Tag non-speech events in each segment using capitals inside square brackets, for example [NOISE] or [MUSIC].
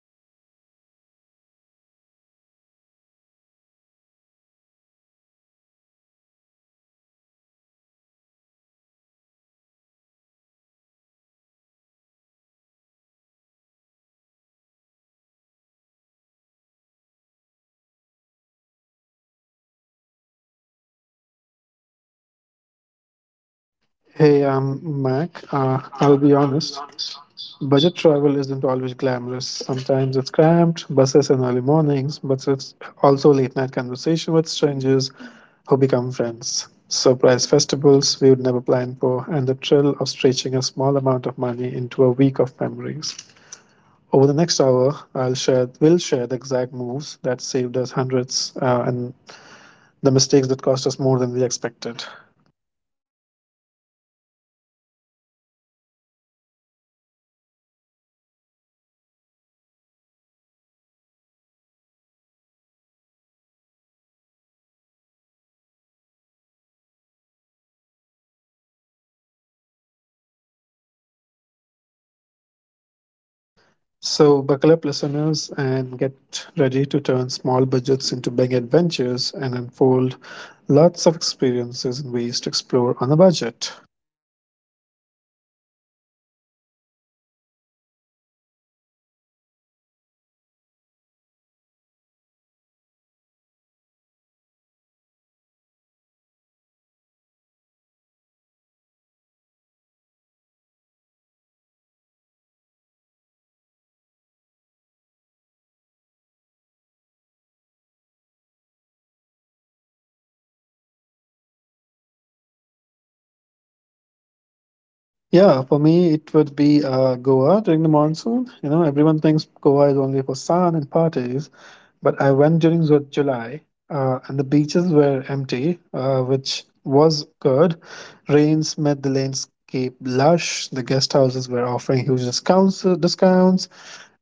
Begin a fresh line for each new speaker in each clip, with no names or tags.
to Saving and Suitcases. I am Mokshi. I hope you all are doing well. And today we have Mac joining us. So, today we are not doing theory, we are telling the real stories behind the hacks, the tiny choices that turn tight budget into unforgettable adventures. And if you have ever thought, I can afford that trip, stay with us. We'll show you how to make it happen without losing the magic.
Hey, I'm Mac. I'll be honest. Budget travel isn't always glamorous. Sometimes it's cramped, buses in early mornings, but it's also late night conversation with strangers who become friends. Surprise festivals we would never plan for, and the thrill of stretching a small amount of money into a week of memories. Over the next hour, I'll share, will share the exact moves that saved us hundreds and the mistakes that cost us more than we expected.
So, today you'll hear about the time I booked a flash sale flight at 3 a.m., only to discover the baggage rule later, and how that mistake taught me all in roll. And you'll also hear Mac's story about choosing a night train over a hotel and waking up in a city he would never plan to visit.
So, buckle up, listeners, and get ready to turn small budgets into big adventures and unfold lots of experiences and ways to explore on a budget.
You know, Mark, one of my favorite budget movies traveling off season. Honestly, off season travel has lots of benefits in its own, like less crowd, lower prices, and a different, often more honest version of places. But also, it has cons in its own, like bad weather, closed businesses, or limited services. So, Mark, do you have any such off season trip which you have traveled and that travel was different from normal season travel?
Yeah, for me, it would be Goa during the monsoon. You know, everyone thinks Goa is only for sun and parties, but I went during July and the beaches were empty, which was good. Rains made the landscape lush. The guest houses were offering huge discounts,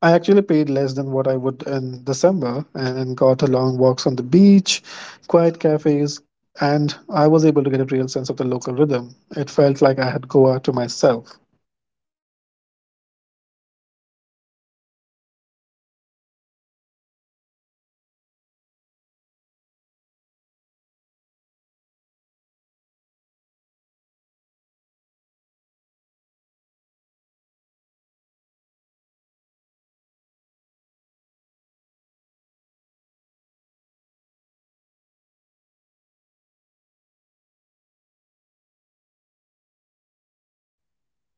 I actually paid less than what I would in December and got a long walks on the beach, quiet cafes, and I was able to get a real sense of the local rhythm. It felt like I had Goa to myself.
That's exactly it. And here, off season flips the script. I did Rishikesh in late winter, January, when the river was cold and the ashram were quieter. Like prices for room dropped, and I had a long conversation with teachers who normally don't have time to speak in peak seasons. And the trade off was colder mornings, fewer adventure operators running at that time, and but the spiritual side of the town was more visible there.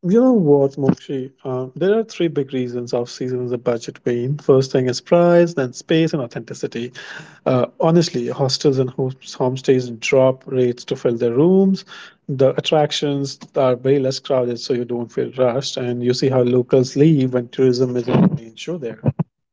You know what, Mokshi? There are three big reasons off season is a budget pain. First thing is price, then space and authenticity. Honestly, hostels and homestays drop rates to fill their rooms. The attractions are very less crowded, so you don't feel rushed, and you see how locals leave when tourism isn't the main show there.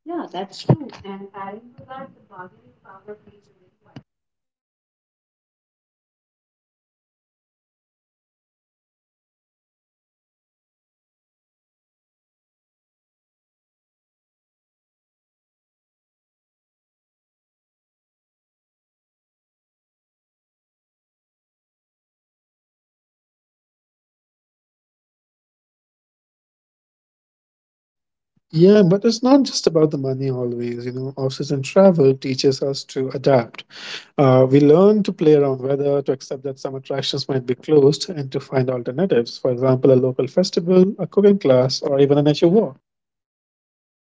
Yeah, that's true. And adding to that, the bargaining power plays a very vital role here. Like in places like Udaipur or Jaisalmer, during the monsoon or winter shoulder months, like owners are more willing to negotiate longer stays or throw in meals. I once stayed in a haveli in Jodhpur in late monsoon and I got a rooftop room, breakfast, and a guided walk included for a small extra because the owner wanted guests here.
Yeah, but it's not just about the money always. You know, office and travel teaches us to adapt. We learn to play around weather, to accept that some attractions might be closed, and to find alternatives. For example, a local festival, a cooking class, or even a nature walk.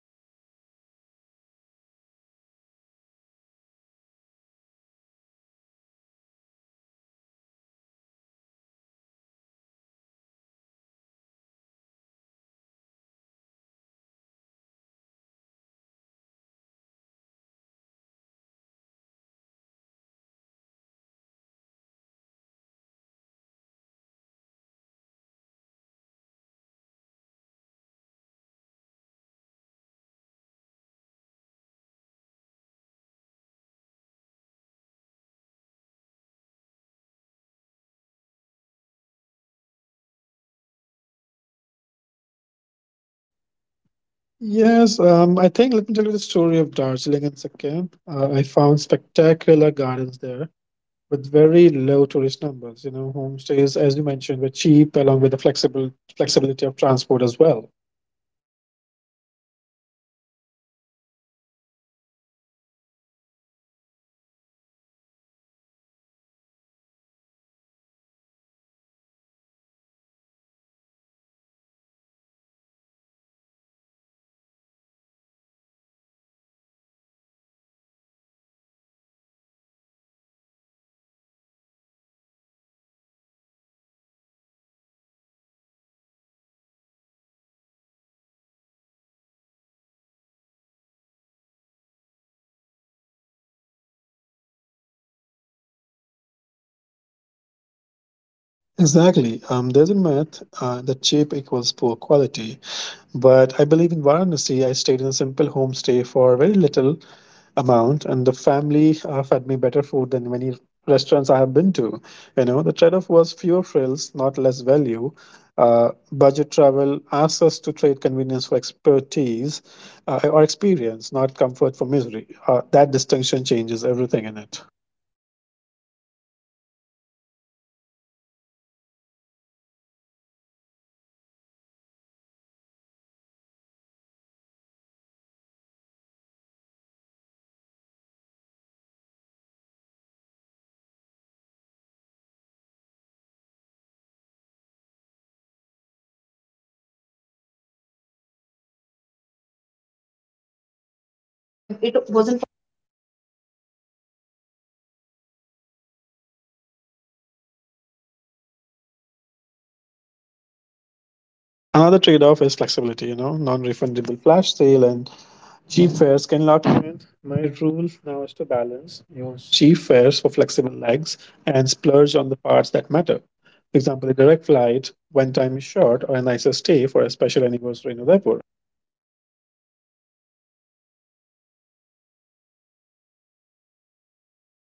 Yeah, that's true, Mac. And let me tell you one of my experience in off-season travel in Kerala. Like I got very cheaper flight. Also, the Ayurvedic treatment was very cheap at that time, and along with that, it was less crowded because usually when we travel Kerala in the season time, the Ayurvedic treatment. The, they are always crowded and you know you won't get the proper tour and everything there, so it is very good deal I got there. And also homestays and houseboat was one of the best experiences, and they are pocket friendly as well. Like though there can be possible rain, but I think I was very lucky as there was no rain at that time. Do you have any such experience?
Yes, I think let me tell you the story of Darjeeling and Sikkim. I found spectacular gardens there with very low tourist numbers. You know, homestays, as you mentioned, were cheap along with the flexible flexibility of transport as well.
That sound amazing, and people often assume that here travel means constant compromise, that you must sleep in discomfort, eat badly, or miss out on the real highlights. I used to think that too as well until a trip to Goa and the monsoon taught me otherwise. And the guest house I found for a fraction of peak prices had a clean room, a friendly host, and a rooftop where we watched storms roll in. The compromise everyone imagines, like dirt, danger, boardroom, boredom, really matches reality here. And what feel like compromise is usually a choice we haven't framed properly.
Exactly. There's a myth that cheap equals poor quality, but I believe in Varanasi, I stayed in a simple homestay for very little amount, and the family fed me better food than many restaurants I have been to. You know, the trade-off was fewer frills, not less value. Budget travel asks us to trade convenience for expertise or experience, not comfort for misery. That distinction changes everything in it.
Yeah, let's be honest about trade-offs. Like budget travel often means time instead of money. Like night buses, slower trains, and longer routes save such cash but cost your hours. And if you are a tight schedule, that's the real cost here. And I choose a night bus from Rishikesh to Delhi and arrived exhausted, but the money saved paid for a quiet day of rest, but it wasn't a it wasn't for every trip here.
Another trade-off is flexibility, you know, non-refundable flash sale and cheap fares can lock you in. My rule now is to balance use cheap fares for flexible legs and splurge on the parts that matter. For example, a direct flight when time is short or a nicer stay for a special anniversary in Udaipur.
Yeah, that's correct. And there is also emotional cost. Like budget travel can be humbling,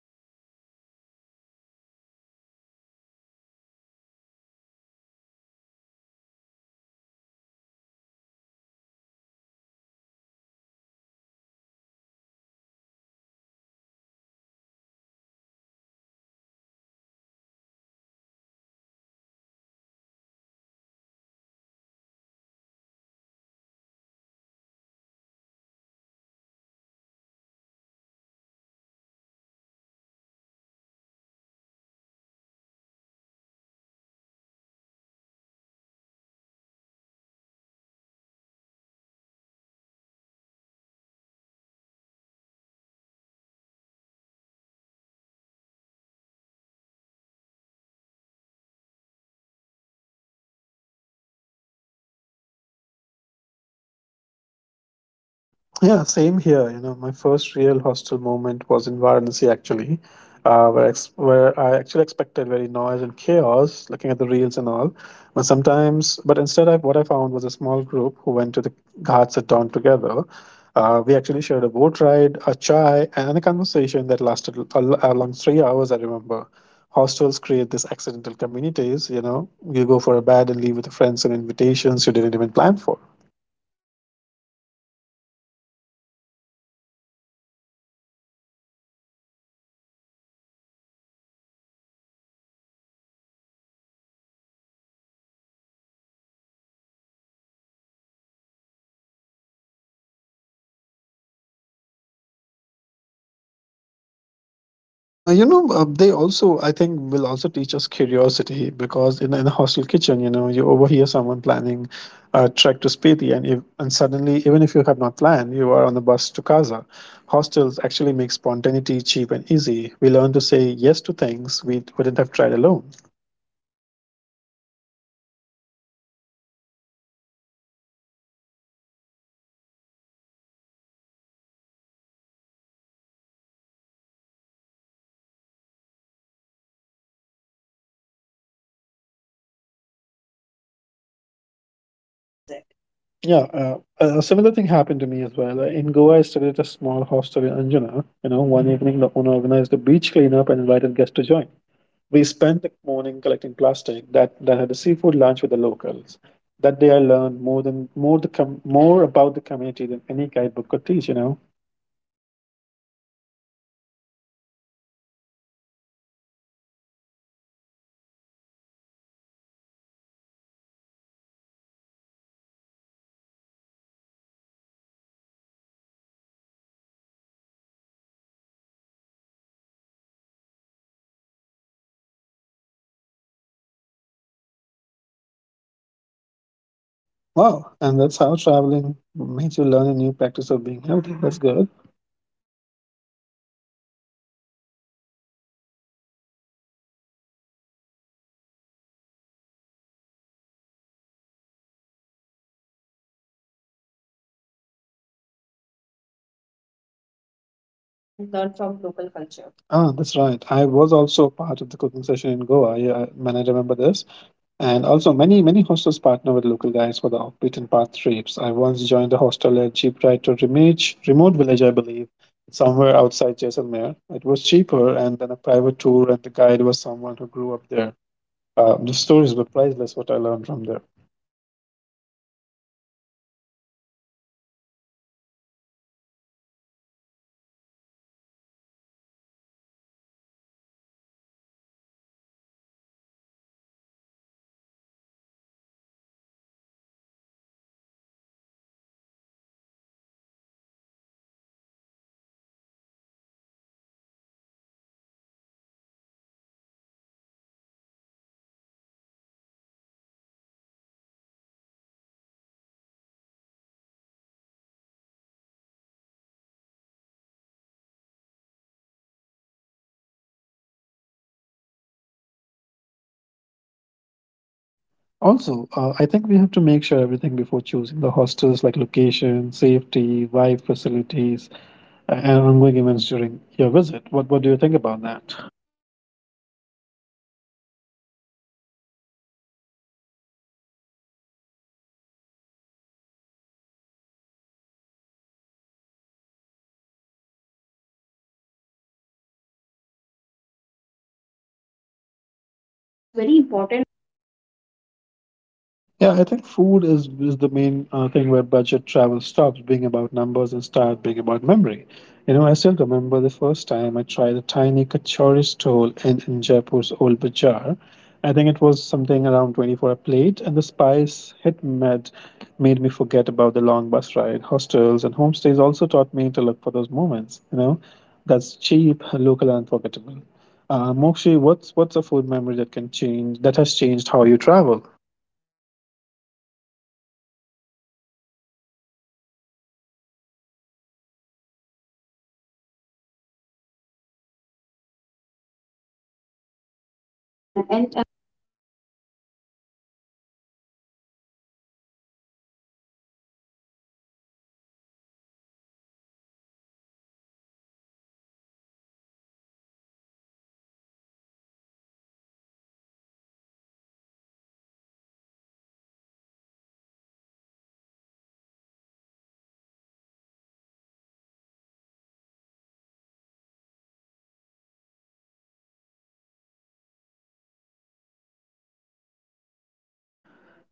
but you'll also face delays, crowd trains, occasional discomfort. But those moments often become the stories you tell. And the key is to choose which discomfort you accept and which you avoid. So let's talk about one of the important factor here, which is almost major expenses in overall trip, and that is accommodation. And me as a traveler, I always choose hostels over hostel hotels. And honestly, that the choice often changes the trip, the sometime they travel and the sometime travelers as well. For me, I started in McLeodganj. I booked a dorm because it was a cheap, but I found was a rooftop full of people swapping stories at dusk. And that night, I met a teacher from Kolkata who invited me to a local festival for the next day. And I would have stayed in the hotel. I would have missed that whole thread of place.
Yeah, same here. You know, my first real hostel moment was in Varanasi actually, where I actually expected very noise and chaos, looking at the reels and all. But sometimes, but instead, what I found was a small group who went to the ghats at dawn together. We actually shared a boat ride, a chai, and a conversation that lasted a long 3 hours. I remember. Hostels create these accidental communities. You know, you go for a bed and leave with the friends and invitations you didn't even plan for.
Yeah, and agree with you. Your hostels, you know, push you out of your comfort zone, and sharing a dorm means learning to live with other people's rhythms, and you become more flexible, more patient, and better at small talk. And those travel skills are that stick with us lifelong.
They also, I think, will also teach us curiosity because in a hostel kitchen, you know, you overhear someone planning a trek to Spiti, and suddenly, even if you have not planned, you are on the bus to Casa. Hostels actually make spontaneity cheap and easy. We learn to say yes to things we wouldn't have tried alone.
Yeah, that's correct. And there is humility. Like sleeping in a dorm once taught me to the value conversation over a privacy for a night. And I traded a private room for a story about a local artisan in Jodhpur. And that story had shaped my whole visit.
Yeah, a similar thing happened to me as well. In Goa, I stayed at a small hostel in Anjana. You know, one evening the owner organized a beach cleanup and invited guests to join. We spent the morning collecting plastic. That then had a seafood lunch with the locals. That day, I learned more than more the com- more about the community than any guidebook could teach. You know,
That's amazing. You clean the beach, and the small action will make a big impact on the environment. Like few years back in Rishikesh, I met a group of yoga teacher in a hostel common room, and they invited me to a sunrise practice by gangs. And I wasn't a regular yogi, but that morning changed how I approached the rest of my trip, slower and more present.
wow! And that's how traveling makes you learn a new practice of being healthy. That's good.
Yeah, that's nice. That's right. And have you noticed, like these hostels run free or cheap activities like walking tours, cooking classes, language exchanges, and pub crawls. Like these are low cost and ways to meet people and learn from local culture.
Ah, that's right. I was also a part of the cooking session in Goa. Yeah, I- man, I remember this. And also, many hostels partner with local guides for the off-beaten path trips. I once joined a hostel at jeep ride to a remote village, I believe, somewhere outside Jaisalmer. It was cheaper, and then a private tour, and the guide was someone who grew up there. The stories were priceless. What I learned from there.
Wow, like that's amazing. And I hope they have make you try the authentic cultural culture of the place, and it make long stays easier because monthly rates, workforce stay options, and community kitchens reduce cost and deepen your connection to a place. And if you wanted to learn a craft or a volunteer, hostels are often the bridge. When I went to Jaisalmer, you know, I remember, like I visited one village and there were many, like you know running there were there was a family like running a small pottery business. I stayed with them, learned pottery basics, and got to know the heritage culture with them. And that's how hostels and homestays become the bridge to learn new things.
Also, I think we have to make sure everything before choosing the hostels, like location, safety, Wi-Fi facilities, and ongoing events during your visit. What do you think about that?
Yeah, that's true. It is one of the very important factor to choose hostels in a trip, because it may decide our upcoming journey, upcoming vibes, and upcoming travels as well. Travelers with whom we will going to travel. So yes, that's very important factor here.
Yeah, I think food is the main thing where budget travel stops being about numbers and start being about memory. You know, I still remember the first time I tried a tiny kachori stall in Jaipur's old bazaar. I think it was something around 20 for a plate, and the spice hit med made me forget about the long bus ride. Hostels and homestays also taught me to look for those moments, you know, that's cheap, local, and unforgettable. Mokshi, what's a food memory that has changed how you travel?
That's amazing. You know, like having kachori at Jaipur for 20 rupees a plate. I think it would be a very tasty. [LAUGHS] I can imagine that, right? And for me, you know, it was a late night paratha in old Delhi. I would be, you know, I had been, on a tight budget and expected bland hostel meals, but a fellow traveler, you know, dragged me to a tiny shop that served parathas with pickles and with a dollop of ghee. We ate standing up, shared stories, and paid less than 50 rupees. And after that, I stopped treating food as a fuel and started treating it as a main event. And food can be the cheapest way to get the richest experience. What do you think on it?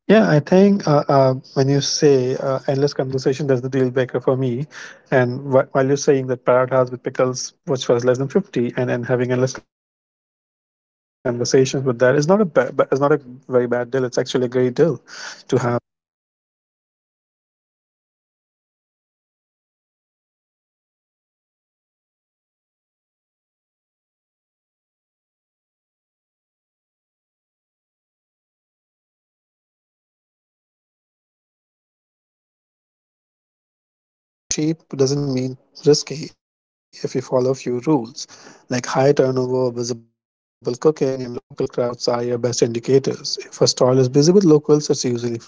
Yeah, I think when you say endless conversation, that's the deal breaker for me. And while you're saying that Parrot House with Pickles, which was less than 50, and having endless conversations with that is not a very bad deal. It's actually a great deal to have.
Yeah, that's right. And food is both a cost and a currency. Like spend smart and you get a culture, conversation, and energy. Save poorly and you waste both money and time. And that's the trick to balance safety, authenticity, and value.
Exactly. I think cheap doesn't mean risky if you follow a few rules. Like high turnover, visible cooking, and local crowds are your best indicators. If a stall is busy with locals, it's usually fresh.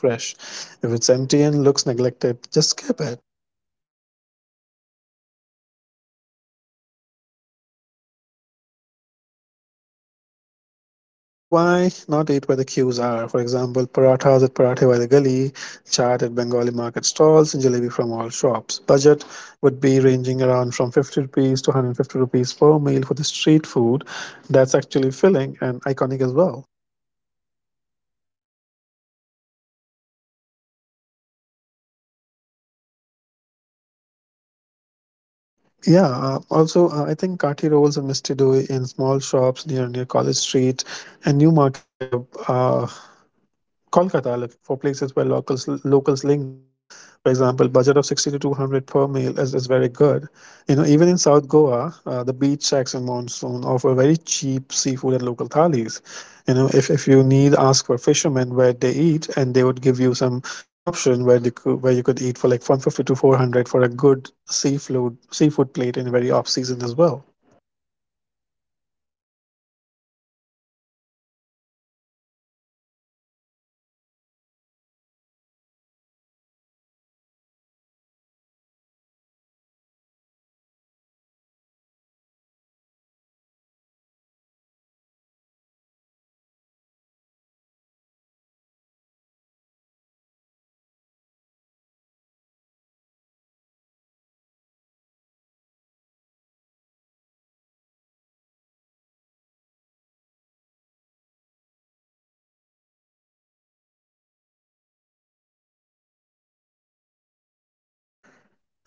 If it's empty and looks neglected, just skip it.
Yeah, that's right. Mac, tell me few hacks which you have used to save money and get a best meal as well.
Well, why not eat where the queues are? For example, parathas at Parathe by the Gully, chaat at Bengali market stalls, and jalebi from all shops. Budget would be ranging around from 50 rupees to 150 rupees per meal for the street food. That's actually filling and iconic as well.
Sounds so tasty and interesting. And you know, that's very amazing.
Yeah, also, I think kati rolls and misti doi in small shops near College Street and New Market up. Kolkata, like for places where locals linger. For example, budget of 60 to 200 per meal is very good. You know, even in South Goa, the beach shacks and monsoon offer very cheap seafood and local thalis. You know, if you need, ask for fishermen where they eat, and they would give you some option where you could eat for like 150 to 400 for a good seafood plate in a very off
That
season as
sound
well.
amazing, Mac. You know, let me share with you my experience over cheap food for Kerala. Like we have tried local banana leaf meal in a homestay or small restaurant. It is filling and often cheaper than tourist menu, and which cost us just only 100 to 300 rupees. And the food, don't ask me, it was damn tasty. And also, you know, once I traveled to the Norte near Missouri and had a simple manve ki roti and dal with lots of ghee. They are cheap, healthy, and hot, with a perfect, after a long trek. And this will never cut off your pocket as well.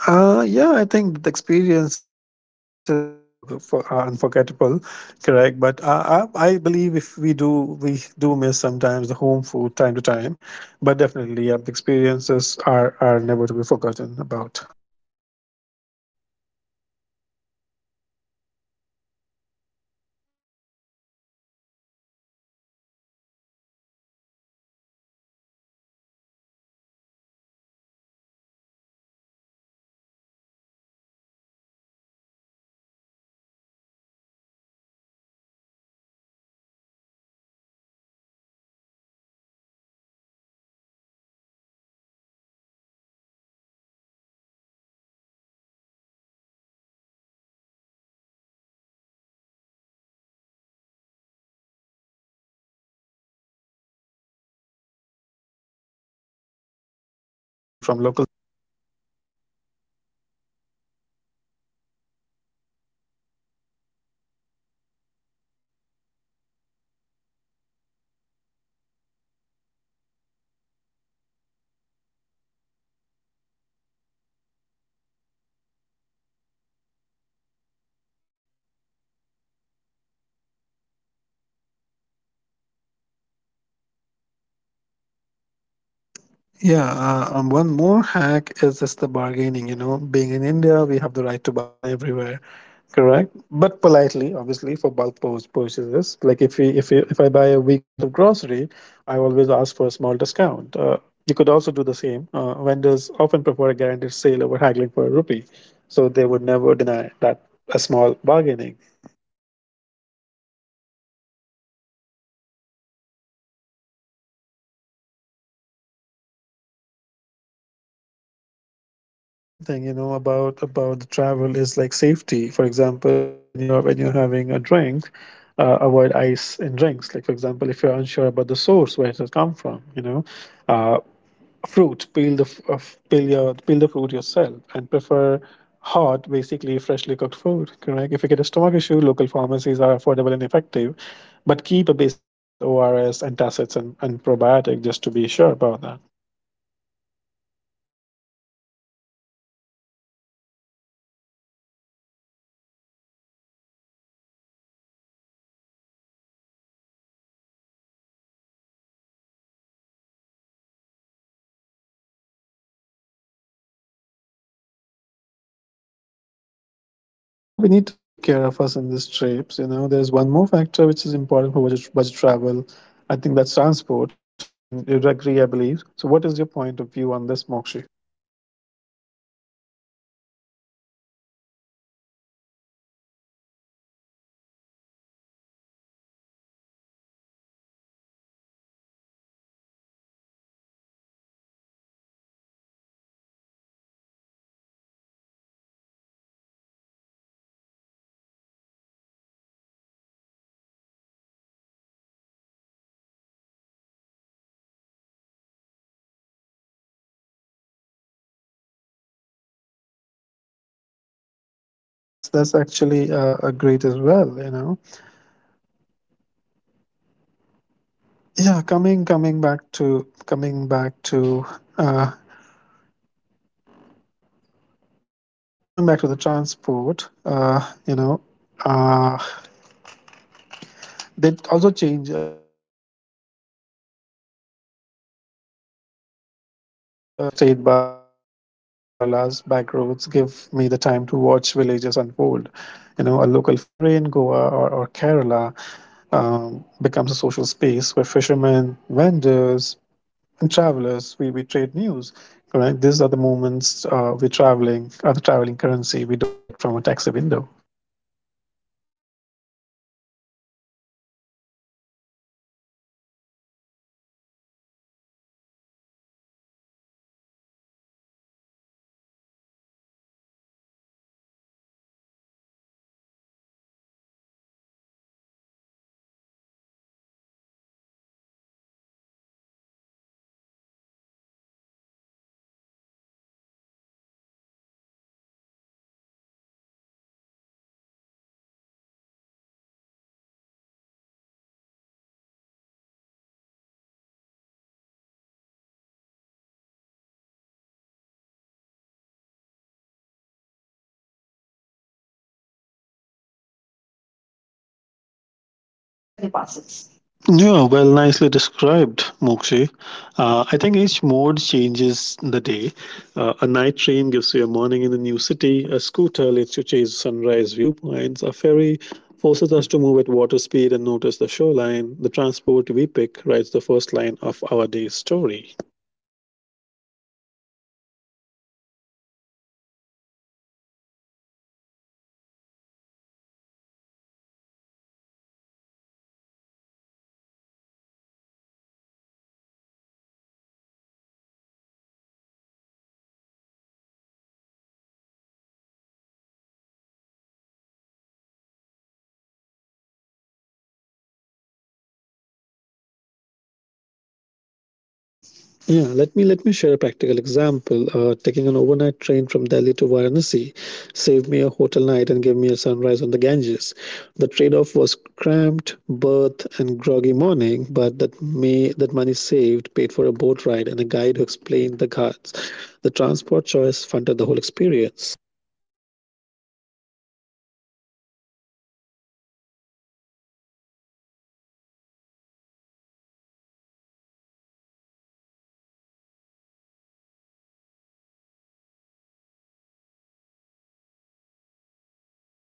Yeah, I think the experiences here are always are unforgettable, correct? But I believe if we do, we do miss sometimes the home food time to time, but definitely, yeah, the experiences are never to be forgotten
Yes,
about.
that's true. And you know what? Like cooking saves money but can be a cultural exchange. Like I always pack a small space kit, like spice kit, like salt, chili flakes, garam masala and a tiny oil bottle. Like with those and hostel kitchen, you can turn rich rice and vegetables into something memorable. Do you have any such experience of cooking by own? Like I'm excited to know that.
Yeah, I think I can recall one experience of that. You know, once I visited to Rudra Prayag in Uttarakhand, and we like me and my friends, we all were enjoying a bonfire there with some music, and we made Maggie and rice there by getting just few raw material from locals in cheaper price, and that tasted amazing. And it also helped me connect emotionally in the trip as well.
Yeah, that's right. And you know, local markets are gold there. Like buy fruits, snacks, and ready to eat items for cheap. And in Jaipur, Johari Bazaar has great snacks. Like in Mumbai, Crawford Market is a fruit and spice heaven. And buying from market support local and cut cost as well.
Yeah, one more hack is just the bargaining. You know, being in India, we have the right to bargain everywhere, correct? But politely, obviously, for purchases. Like if I buy a week's worth of grocery, I always ask for a small discount. You could also do the same. Vendors often prefer a guaranteed sale over haggling for a rupee, so they would never deny that a small
Yeah, that's
bargaining.
that's amazing hack, and you know it always work. I have used that hack every time in my every travel.
Yeah, also a very important thing, you know, about the travel is like safety. For example, when you're having a drink, avoid ice in drinks. Like for example, if you're unsure about the source where it has come from, you know, uh, fruit peel the f- f- peel your peel the fruit yourself and prefer hot, basically freshly cooked food. Correct. If you get a stomach issue, local pharmacies are affordable and effective, but keep a basic kit with ORS, antacids, and probiotic just to
Yeah,
be sure
that's
about that.
that's very important thing, you know. We should not skip insurance for longer trips as well. Like small medical bills abroad can wipe out your travel savings which you have done from your budget travel. And prevention is cheap, hand sanitizers, like water purifiers and sensible food choices.
Yeah, we need to take care of us in these trips. You know, there's one more factor which is important for budget travel. I think that's transport, and then you'd agree, I believe. So, what is your point of
You know,
view on this,
Mark,
Mokshi?
local transport shapes a trip more than most people realize. Choosing a night train instead of a flight, a shared taxi instead of a private cab, or a bicycle instead of a rented scooter changes your schedule, your budget, and uh, you meet people in India. Those choices are specifically powerful. And the difference between a bus and a train can mean saving night stays or gaining a sunrise on the Ghats.
Yeah, that's actually a great as well. You know, yeah, coming coming back to coming back to uh, coming back to the transport. You know, uh, They also change shape. Okay, yep. So exactly, transport is not just movement. You know, it's part of the experience. A slow state bus through Kerala's back roads give me the time to watch villages unfold. You know, a local ferry in Goa or Kerala becomes a social space where fishermen, vendors, and travelers we trade news. Correct. These are the moments we're traveling, are the traveling currency we don't get from a taxi
Well
window.
said, Mark. And you know, let me share a few options of the local transport for the budget travel, like trains. Train is one of the cheapest transport in India. Like you can travel from anywhere to any, any location via train, and it is the best for long journeys, social campaigns, and also it will give you the chance to meet locals, saves on accommodation but costs time and sometimes comfort. And also state buses and volvo coaches, like they are the best option but can be slow and crowded. And also for the hilly routes, as trains and buses are not feasible option, choose shared taxis, tempo travelers. They are flexible or for hilly routes like manali to spiti, and cheaper than private cabs, and often faster than the buses.
Yeah, well, nicely described, Mokshi. I think each mode changes the day. A night train gives you a morning in a new city, a scooter lets you chase sunrise viewpoints, a ferry forces us to move at water speed and notice the shoreline. The transport we pick writes the first line of our day's story.
Yes, and I think the clearest effect of money versus time, like choosing a night bus or a train saves accommodation cost but costs sleep quality and sometimes comfort. And choosing a scooter saves on taxi and let you reach the offbeat place but you pay for the fuel and assume risk. Like the smart move is to trade where it matters, save on predictable, replaceable things, and spend on unique experiences.
Yeah, let me share a practical example. Taking an overnight train from Delhi to Varanasi saved me a hotel night and gave me a sunrise on the Ganges. The trade-off was cramped berth and groggy morning, but that money saved paid for a boat ride and a guide who explained the ghats. The transport choice funded the whole experience.
You know, mark, for me train in the night is always the best option because it saves you lots of time and you can freshly start your day in the morning. It saved your accommodation cost, and also when you are excited for the trip you will find your sleep anywhere. You will not find your sleep anywhere.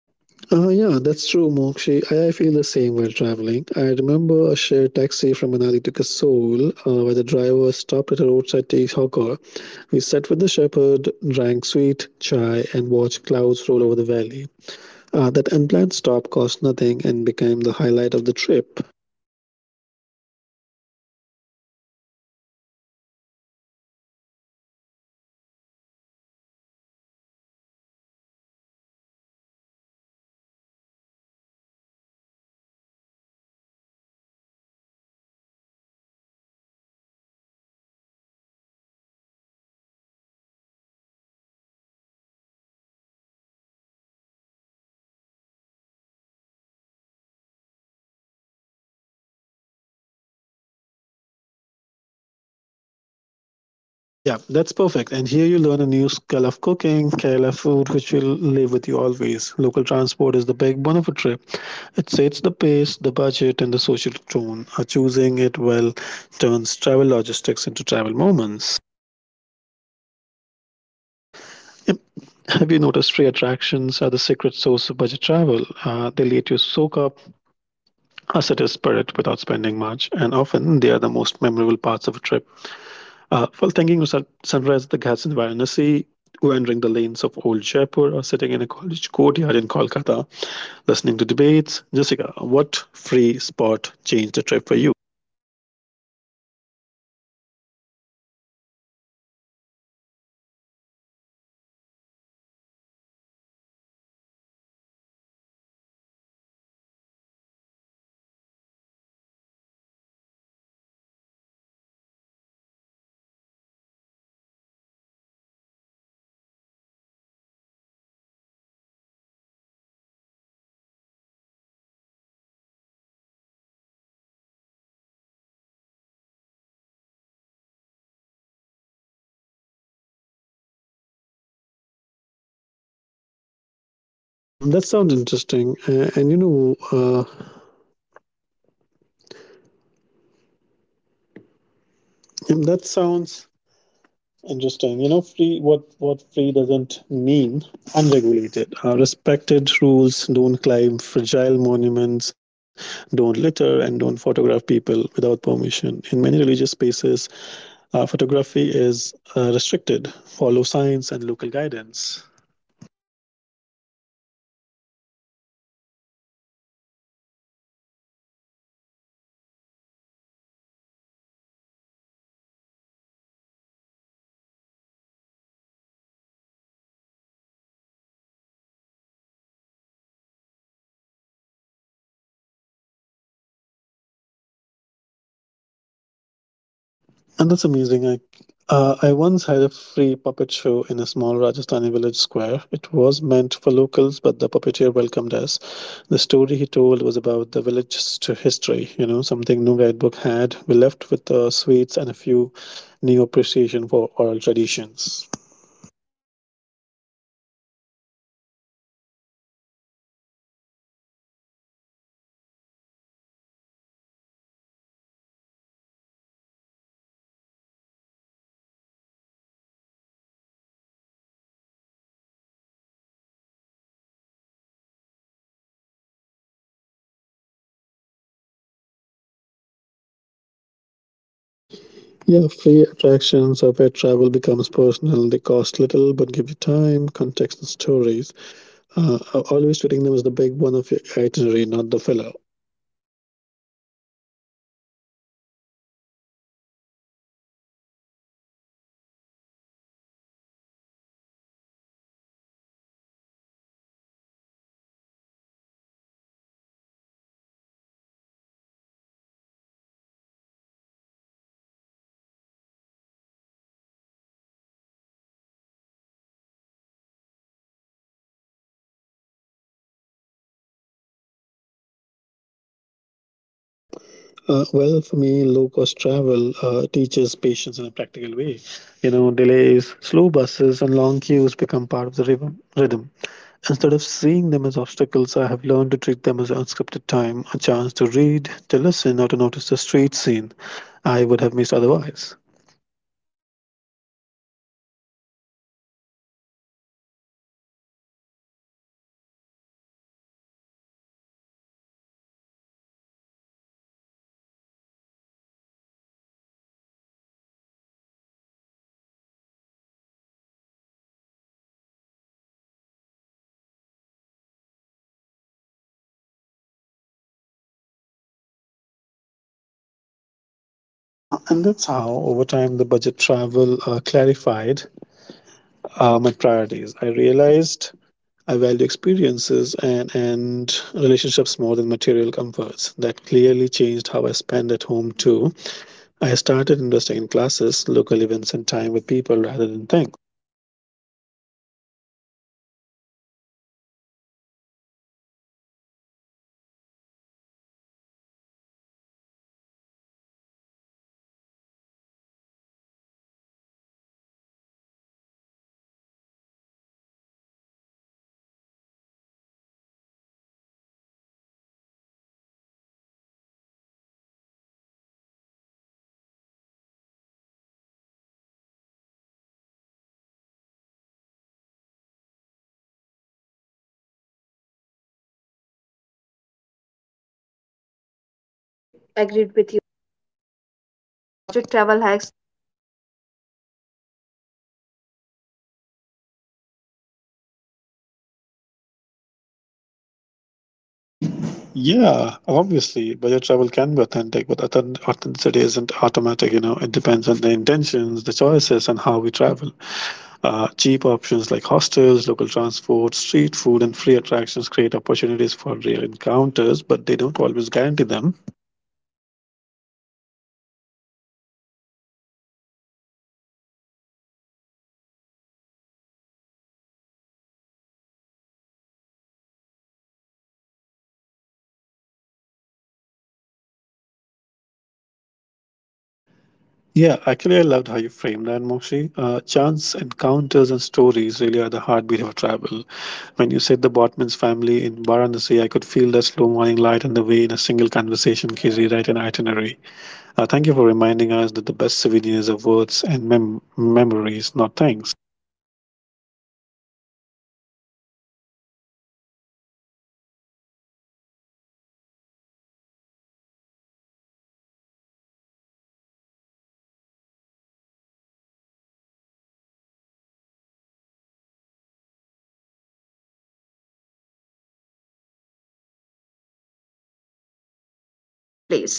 Yeah, that's true, Mokshi. I feel the same while traveling. I remember a shared taxi from Manali to Kasol, where the driver stopped at a roadside tea hawker. We sat with the shepherd, drank sweet chai, and watched clouds roll over the valley. That unplanned stop cost nothing and became the highlight of the trip.
That's amazing. And I can imagine the view which you were vibing at that time while going to be, you know, to the to Manali to Kasol. And you know, once a ferry in Alepi, the boatman pointed out a family like harvesting rice on the bank. He invited me to visit their homestays. And for the next day, because I would choose the ferry over a a road route, I ended up learning how to cook Kerala meal and saved money on a restaurant dinner.
Yeah, that's perfect. And here you learn a new skill of cooking, Kerala food, which will live with you always. Local transport is the backbone of a trip. It sets the pace, the budget, and the social tone. Choosing it well turns travel logistics into travel moments.
Yeah, well said, Mac here.
Yep. Have you noticed free attractions are the secret source of budget travel? They let you soak up a certain spirit without spending much, and often they are the most memorable parts of a trip. While thinking of sunrise at the Ghats in Varanasi, wandering the lanes of old Jaipur, or sitting in a college courtyard in Kolkata, listening to debates, Jessica, what free spot changed the trip for you?
Yeah. So, you know, that's true. For me, it was Medan in Kolkata. I went there expecting a park, and but I found a living stage, like cricket matches, political debates, family picnicking, picnic there, and street vendors selling the teas. I spent an entire afternoon watching life unfold and talking to people. No entry fee, no guide, just time and curiosity. And that afternoon taught me more about the city than any paid.
That sounds interesting, and you know, That sounds interesting. You know, free what free doesn't mean unregulated. Respected rules don't climb fragile monuments, don't litter, and don't photograph people without permission. In many religious spaces, photography is restricted. Follow signs and local guidance.
Also, we have to be mindful of donation versus fee. Like some temples or community events are free but accept donations. So if you can give small amount of donation, it's ethical travel. If you benefit fit like from a free experience and a small donation helps sustain it.
And that's amazing. I once had a free puppet show in a small Rajasthani village square. It was meant for locals, but the puppeteer welcomed us. The story he told was about the village's history, you know, something no guidebook had. We left with sweets and a few new appreciation for oral traditions.
That's amazing, and I can imagine how beautiful it is. You know, it will be. And in Varanasi, a priest, you know, invited me to sit through a private ritual after I would have like watched the public aarti. He explained the symbolism and the family history histories behind the chants, and the private insight came from showing respect and staying after the crowd left.
Yeah, free attractions of where travel becomes personal. They cost little but give you time, context, and stories. Uh, always treating them as the big one of your itinerary, not the filler.
And also when I travel on a tight budget, the first thing I learn is how much I actually need versus what I think I need. Like a cramped train berth, a simple homestay, a shared meal, and those moments strip away the extras and leave the essentials: and curiosity, patience, and the ability to be present. Over time I realized comfort is not the same as contentment. Small comforts can be created with the intention, not the money.
Well, for me, low cost travel teaches patience in a practical way. You know, delays, slow buses, and long queues become part of the rhythm. Instead of seeing them as obstacles, I have learned to treat them as unscripted time, a chance to read, to listen, or to notice the street scene I would have missed otherwise.
And that's the waiting also rewires how you value time. Like when you save money by taking a slower route, you gain hours and that become part of your experience. And I learned to measure a trip not by how many sites we ticked off, but by how many small unplanned conversations I had during, you know, these slow stretches.
And that's how, over time, the budget travel clarified my priorities. I realized I value experiences and relationships more than material comforts. That clearly changed how I spend at home too. I started investing in classes, local events, and time with people rather than things.
Truly, and it also revealed part of myself I hadn't met before: a willingness to be uncomfortable for the sake of story, a curiosity that pushes me into new neighborhoods, and resilience that shows up when plans fall apart. And those discoveries made me more intentional about how I live. Agreed with you here. And as we talk about budget travel hacks like local transport, street food, hostels over hotels, choosing free attractions, do you really think budget travel is authentic?
Yeah, obviously, budget travel can be authentic, but authenticity isn't automatic. You know, it depends on the intentions, the choices, and how we travel. Cheap options like hostels, local transport, street food, and free attractions create opportunities for real encounters, but they don't always guarantee them.
And so you are saying that authenticity is a practice, not a price tag, and you can pay a lot and still have stacked experience, or travel cheaply and find moments that change you. What matters is curiosity, respect, and the willingness to slow down and listen.
Yeah, actually, I loved how you framed that, Mokshi. Chance encounters and stories really are the heartbeat of travel. When you said the Botman's family in Varanasi, I could feel the slow morning light and the way in a single conversation can rewrite an itinerary. Thank you for reminding us that the best souvenirs are words and memories, not things.
Yes, and riding a state bus or a staying in a family homestay isn't just cheaper, it is a front row seat to a daily life. I still think that about the woman in a Himachal village who showed me how she fold her morning chapatis, and that 5-minute lesson taught me more about rhythm and care than any place.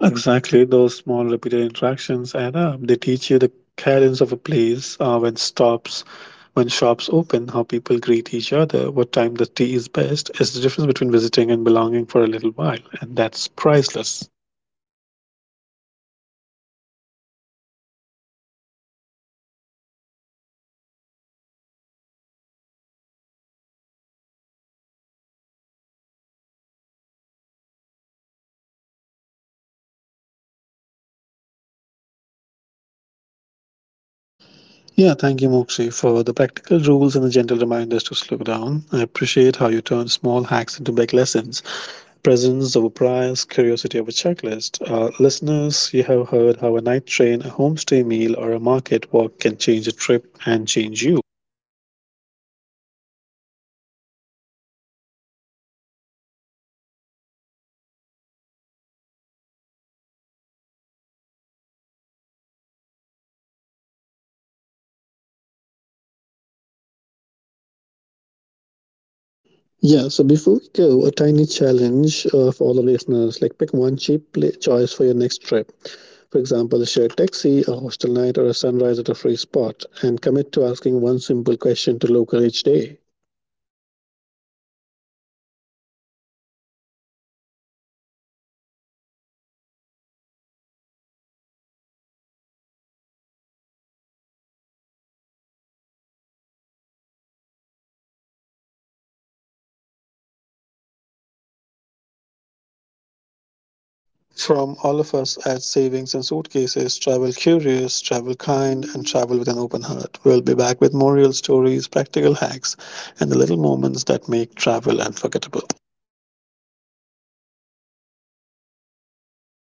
Exactly, those small repeated interactions add up. They teach you the cadence of a place, when stops, when shops open, how people greet each other, what time the tea is best. It's the difference between visiting and belonging for a little while, and that's priceless.
Yeah, that's true. What a journey today, from monsoon Goa to dawn of on the Ghats, from hostels rooftop to market snack. That thank you, Mark, for bringing those vivid moments to life and for reminding us that budget travel is less about sacrifice and more about choices.
Yeah, thank you, Mokshi, for the practical rules and the gentle reminders to slow down. I appreciate how you turn small hacks into big lessons. Presence over price, curiosity over checklist. Listeners, you have heard how a night train, a homestay meal, or a market walk can change a trip and change you.
So, quick recap for anyone scribbling notes. Be flexible with time. Choose one meaningful splurge. Use hostels to meet people. Eat where locals eat. And treat free attractions as a backbone of your days. Those five moves will stretch your budget and deepen your experience.
Yeah, so before we go, a tiny challenge for all the listeners like pick one cheap pla choice for your next trip. For example, a shared taxi, a hostel night, or a sunrise at a free spot, and commit to asking one simple question to local each day.
And we are grateful for every listener who travels kindly, and share what they learn. If today's episode sparked an idea, try it this week. Book that off season stay, join a hostel activity, or take the slow ferry. Small experiments leads to the richest stories.
From all of us at Savings and Suitcases, travel curious, travel kind, and travel with an open heart. We'll be back with more real stories, practical hacks, and the little moments that make travel unforgettable.
Until next time, namaste and safe travel. Bye bye.